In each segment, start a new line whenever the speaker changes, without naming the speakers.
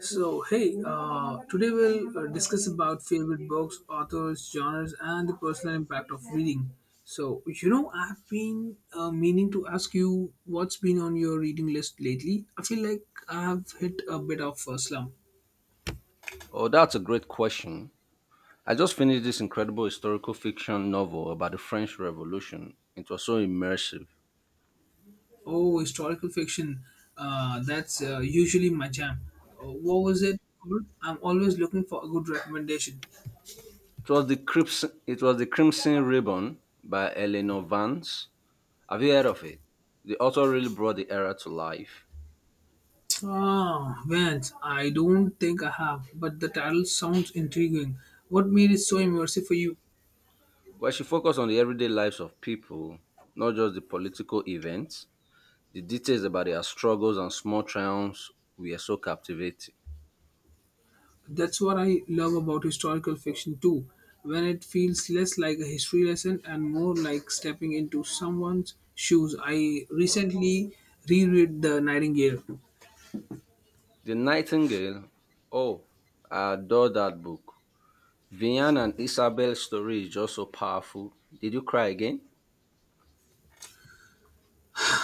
So, hey, today we'll discuss about favorite books, authors, genres, and the personal impact of reading. So, I've been meaning to ask you what's been on your reading list lately. I feel like I've hit a bit of a slump.
Oh, that's a great question. I just finished this incredible historical fiction novel about the French Revolution. It was so immersive.
Oh, historical fiction. That's usually my jam. What was it called? I'm always looking for a good recommendation.
It was the Crimson Ribbon by Eleanor Vance. Have you heard of it? The author really brought the era to life,
Ah, Vance, I don't think I have, but the title sounds intriguing. What made it so immersive for you?
where she focused on the everyday lives of people, not just the political events. The details about their struggles and small triumphs were so captivating.
That's what I love about historical fiction too, when it feels less like a history lesson and more like stepping into someone's shoes. I recently reread The Nightingale.
The Nightingale. Oh, I adore that book. Vivian and Isabel's story is just so powerful. Did you cry again?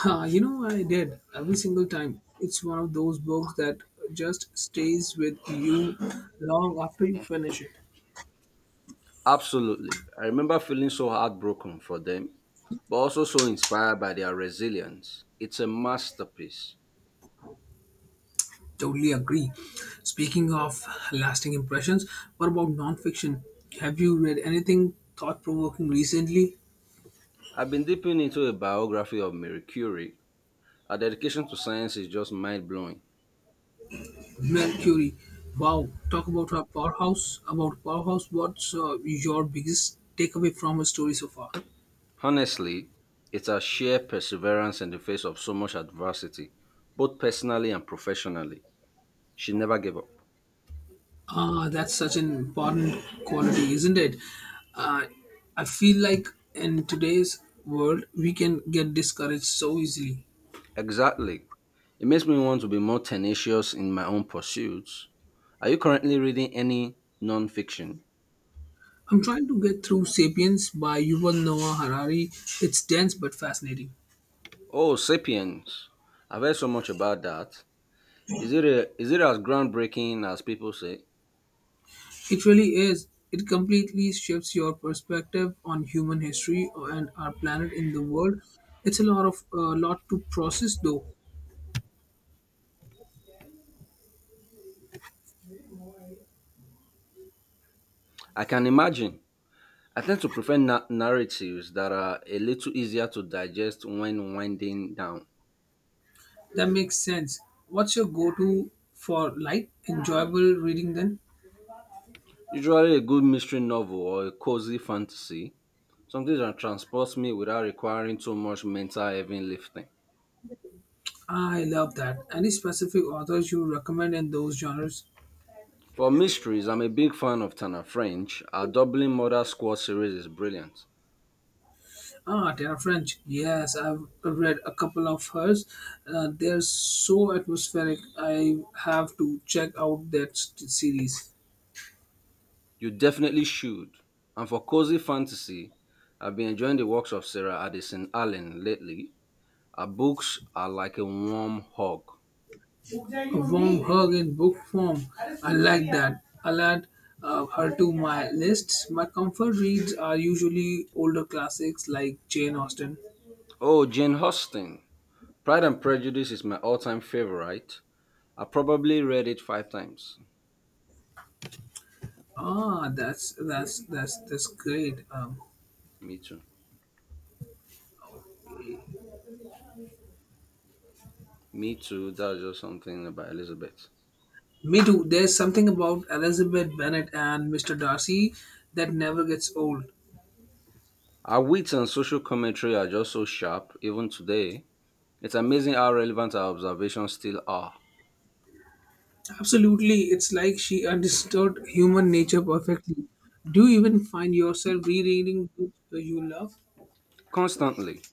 Ah, you know, I did every single time. It's one of those books that just stays with you long after you finish it.
Absolutely. I remember feeling so heartbroken for them, but also so inspired by their resilience. It's a masterpiece.
Totally agree. Speaking of lasting impressions, what about nonfiction? Have you read anything thought provoking recently?
I've been dipping into a biography of Marie Curie. Her dedication to science is just mind blowing.
Marie Curie. Wow, talk about her powerhouse. What's your biggest takeaway from her story so far?
Honestly, it's her sheer perseverance in the face of so much adversity, both personally and professionally. She never gave up.
Ah, that's such an important quality, isn't it? Uh, I feel like in today's world, we can get discouraged so easily.
Exactly. It makes me want to be more tenacious in my own pursuits. Are you currently reading any nonfiction?
I'm trying to get through Sapiens by Yuval Noah Harari. It's dense but fascinating.
Oh, Sapiens. I've heard so much about that. Is it as groundbreaking as people say?
It really is. It completely shifts your perspective on human history and our planet in the world. It's a lot to process, though.
I can imagine. I tend to prefer narratives that are a little easier to digest when winding down.
That makes sense. What's your go-to for light, enjoyable reading? Then
Usually, a good mystery novel or a cozy fantasy, something that transports me without requiring too much mental heavy lifting.
I love that. Any specific authors you recommend in those genres?
For mysteries, I'm a big fan of Tana French. Her Dublin Murder Squad series is brilliant.
Ah, Tara French. Yes, I've read a couple of hers. They're so atmospheric. I have to check out series.
You definitely should. And for cozy fantasy, I've been enjoying the works of Sarah Addison Allen lately. Her books are like a warm hug.
Warm hug in book form. I like that. I'll add her to my lists. My comfort reads are usually older classics like Jane Austen.
Oh, Jane Austen. Pride and Prejudice is my all-time favorite. I probably read it five times.
Ah, that's great.
Me too. Me too. That's just something about Elizabeth.
Me too. There's something about Elizabeth Bennet and Mr. Darcy that never gets old.
Her wit and social commentary are just so sharp, even today. It's amazing how relevant our observations still are.
Absolutely, it's like she understood human nature perfectly. Do you even find yourself rereading books you love?
Constantly,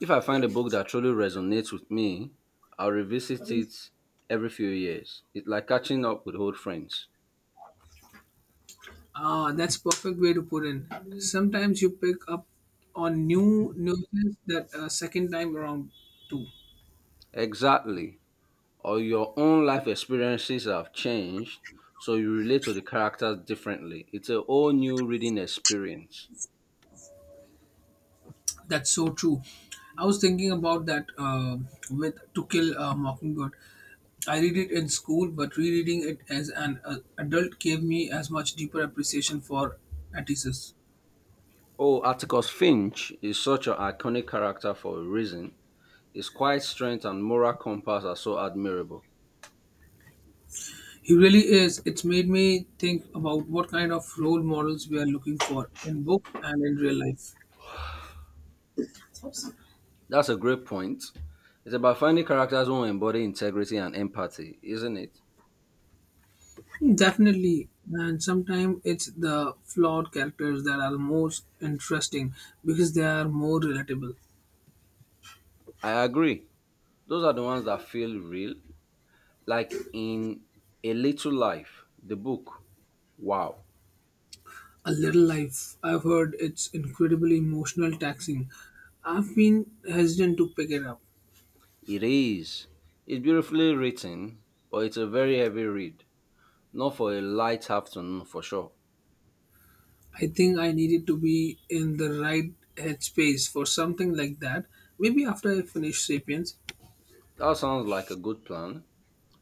if I find a book that truly resonates with me, I'll revisit it every few years. It's like catching up with old friends.
Ah, that's perfect way to put in. Sometimes you pick up on new nuances that second time around too.
Exactly. Or your own life experiences have changed, so you relate to the characters differently. It's a whole new reading experience.
That's so true. I was thinking about that with To Kill a Mockingbird. I read it in school, but rereading it as an adult gave me as much deeper appreciation for Atticus.
Oh, Atticus Finch is such an iconic character for a reason. His quiet strength and moral compass are so admirable.
He really is. It's made me think about what kind of role models we are looking for in book and in real life.
That's a great point. It's about finding characters who embody integrity and empathy, isn't it?
Definitely, and sometimes it's the flawed characters that are most interesting because they are more relatable.
I agree. Those are the ones that feel real. Like in A Little Life, the book. Wow.
A Little Life, I've heard it's incredibly emotional taxing. I've been hesitant to pick it up.
It is. It's beautifully written, but it's a very heavy read. Not for a light afternoon, for sure.
I think I needed to be in the right headspace for something like that. Maybe after I finish Sapiens,
That sounds like a good plan.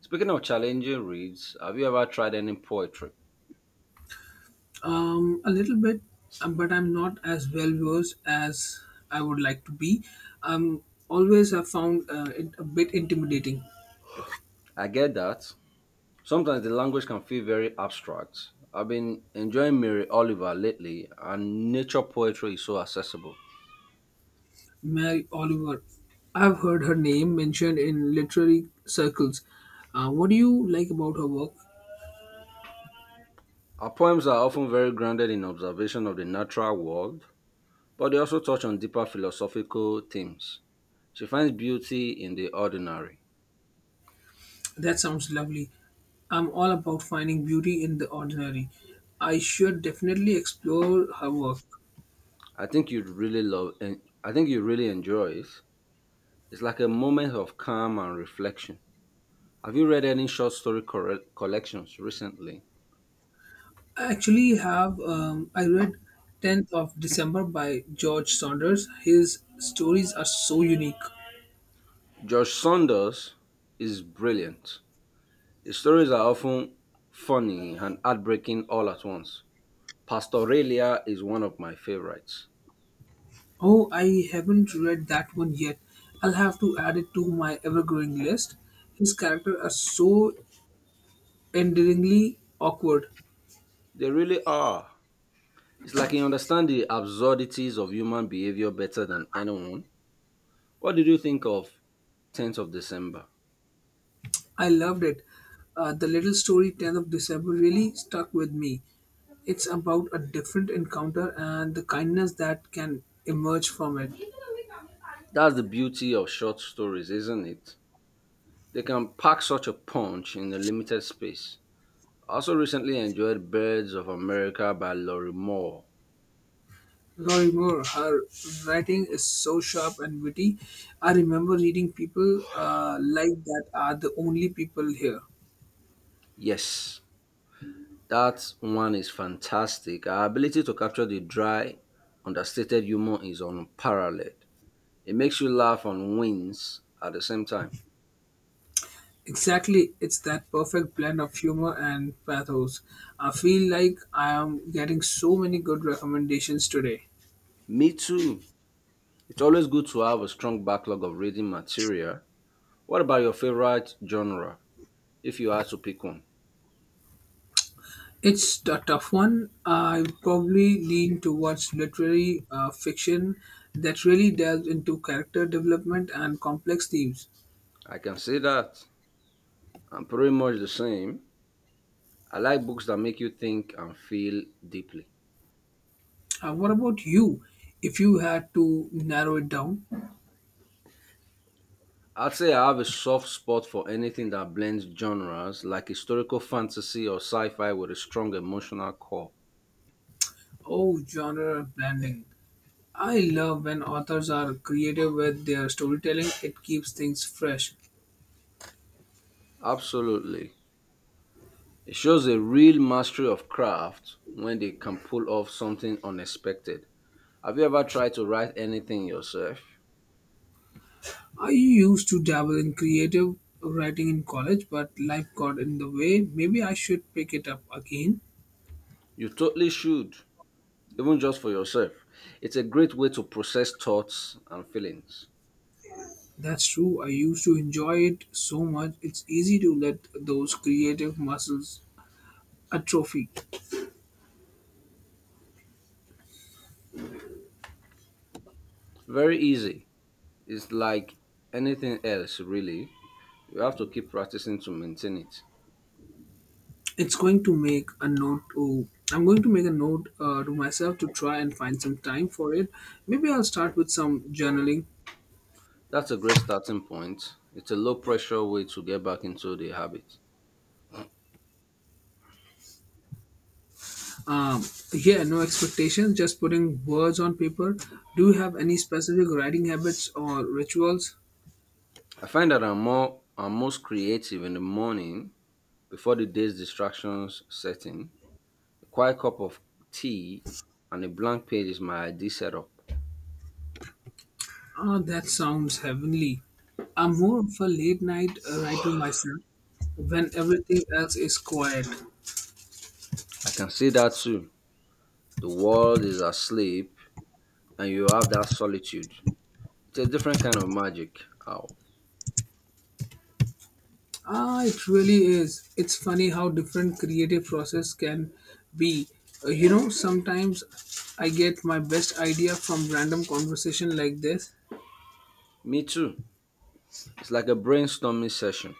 Speaking of challenging reads, have you ever tried any poetry?
a little bit, but I'm not as well versed as I would like to be. Always I found it a bit intimidating.
I get that. Sometimes the language can feel very abstract. I've been enjoying Mary Oliver lately, and nature poetry is so accessible.
Mary Oliver. I've heard her name mentioned in literary circles. What do you like about her work?
Her poems are often very grounded in observation of the natural world, but they also touch on deeper philosophical themes. She finds beauty in the ordinary.
That sounds lovely. I'm all about finding beauty in the ordinary. I should definitely explore her work.
I think you'd really love and I think you really enjoy it. It's like a moment of calm and reflection. Have you read any short story collections recently?
I actually have, I read 10th of December by George Saunders. His stories are so unique.
Josh Saunders is brilliant. His stories are often funny and heartbreaking all at once. Pastoralia is one of my favorites.
Oh, I haven't read that one yet. I'll have to add it to my ever growing list. His characters are so endearingly awkward.
They really are. It's like you understand the absurdities of human behavior better than anyone. What did you think of 10th of December?
I loved it. The little story 10th of December really stuck with me. It's about a different encounter and the kindness that can emerge from it.
That's the beauty of short stories, isn't it? They can pack such a punch in a limited space. I also recently enjoyed Birds of America by Laurie Moore.
Laurie Moore, her writing is so sharp and witty. I remember reading people like that are the only people here.
Yes, that one is fantastic. Her ability to capture the dry, understated humor is unparalleled. It makes you laugh and wins at the same time.
Exactly, it's that perfect blend of humor and pathos. I feel like I am getting so many good recommendations today.
Me too. It's always good to have a strong backlog of reading material. What about your favorite genre? If you had to pick one,
It's a tough one. I probably lean towards literary fiction that really delves into character development and complex themes.
I can say that I'm pretty much the same. I like books that make you think and feel deeply.
What about you? If you had to narrow it down,
I'd say I have a soft spot for anything that blends genres, like historical fantasy or sci fi with a strong emotional core.
oh, genre blending. I love when authors are creative with their storytelling. It keeps things fresh.
Absolutely. It shows a real mastery of craft when they can pull off something unexpected. Have you ever tried to write anything yourself?
I used to dabble in creative writing in college, but life got in the way. Maybe I should pick it up again.
You totally should, even just for yourself. It's a great way to process thoughts and feelings.
That's true. I used to enjoy it so much. It's easy to let those creative muscles atrophy.
Very easy. It's like anything else, really. You have to keep practicing to maintain it.
It's going to make a note. To, I'm going to make a note to myself to try and find some time for it. Maybe I'll start with some journaling.
That's a great starting point. It's a low pressure way to get back into the habit.
Um, yeah, no expectations. Just putting words on paper. Do you have any specific writing habits or rituals?
I find that I'm most creative in the morning before the day's distractions set in. A quiet cup of tea and a blank page is my ideal setup.
Ah, that sounds heavenly. I'm more of a late night writer myself when everything else is quiet.
I can see that too. The world is asleep and you have that solitude. It's a different kind of magic. Ow.
Ah, it really is. It's funny how different creative process can be. Sometimes I get my best idea from random conversation like this.
Me too. It's like a brainstorming session.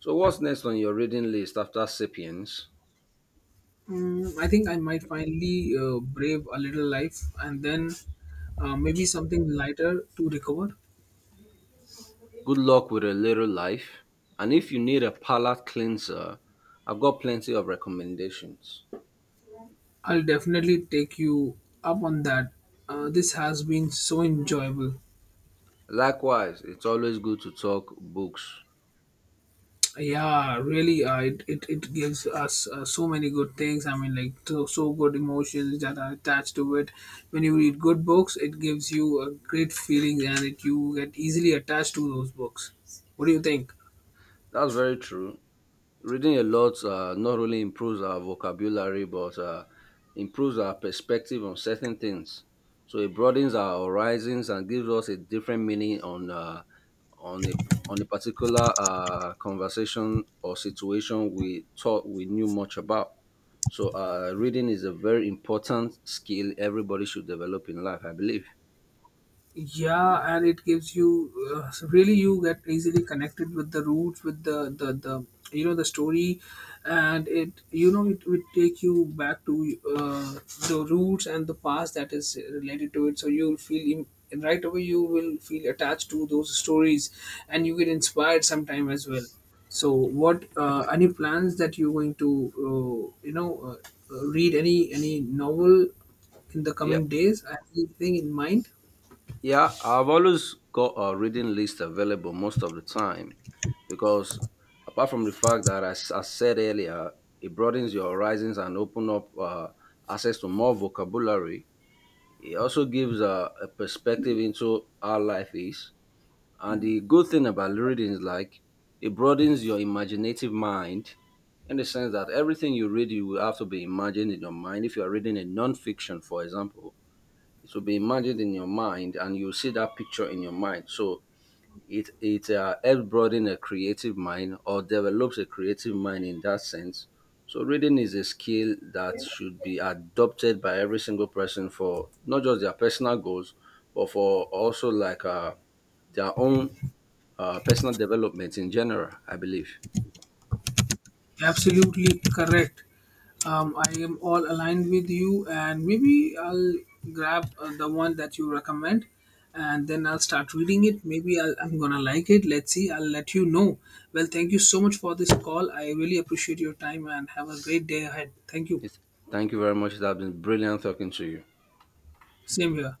So what's next on your reading list after Sapiens?
Mm, I think I might finally brave a little life and then maybe something lighter to recover.
Good luck with a little life. And if you need a palate cleanser, I've got plenty of recommendations.
I'll definitely take you up on that. This has been so enjoyable.
Likewise, it's always good to talk books.
Yeah, really, it gives us so many good things. I mean, like, so good emotions that are attached to it. When you read good books, it gives you a great feeling and it, you get easily attached to those books. What do you think?
That's very true. Reading a lot not only improves our vocabulary but improves our perspective on certain things. So it broadens our horizons and gives us a different meaning on a on a particular conversation or situation we thought we knew much about. So reading is a very important skill everybody should develop in life, I believe.
Yeah, and it gives you so really you get easily connected with the roots with the the story, and it would take you back to the roots and the past that is related to it, so and right away you will feel attached to those stories, and you get inspired sometime as well. So what any plans that you're going to read any novel in the
Yeah.
coming days, anything in mind?
Yeah, I've always got a reading list available most of the time because apart from the fact that as I said earlier, it broadens your horizons and open up access to more vocabulary. It also gives a perspective into how life is. And the good thing about reading is like it broadens your imaginative mind in the sense that everything you read, you will have to be imagined in your mind. If you are reading a non-fiction, for example, it will be imagined in your mind and you see that picture in your mind. So it helps broaden a creative mind or develops a creative mind in that sense. So reading is a skill that should be adopted by every single person for not just their personal goals, but for also like their own personal development in general. I believe.
Absolutely correct. I am all aligned with you, and maybe I'll grab the one that you recommend, and then I'll start reading it. I'm gonna like it. Let's see. I'll let you know. Well, thank you so much for this call. I really appreciate your time, and have a great day ahead. Thank you.
It's, Thank you very much. It has been brilliant talking to you.
Same here.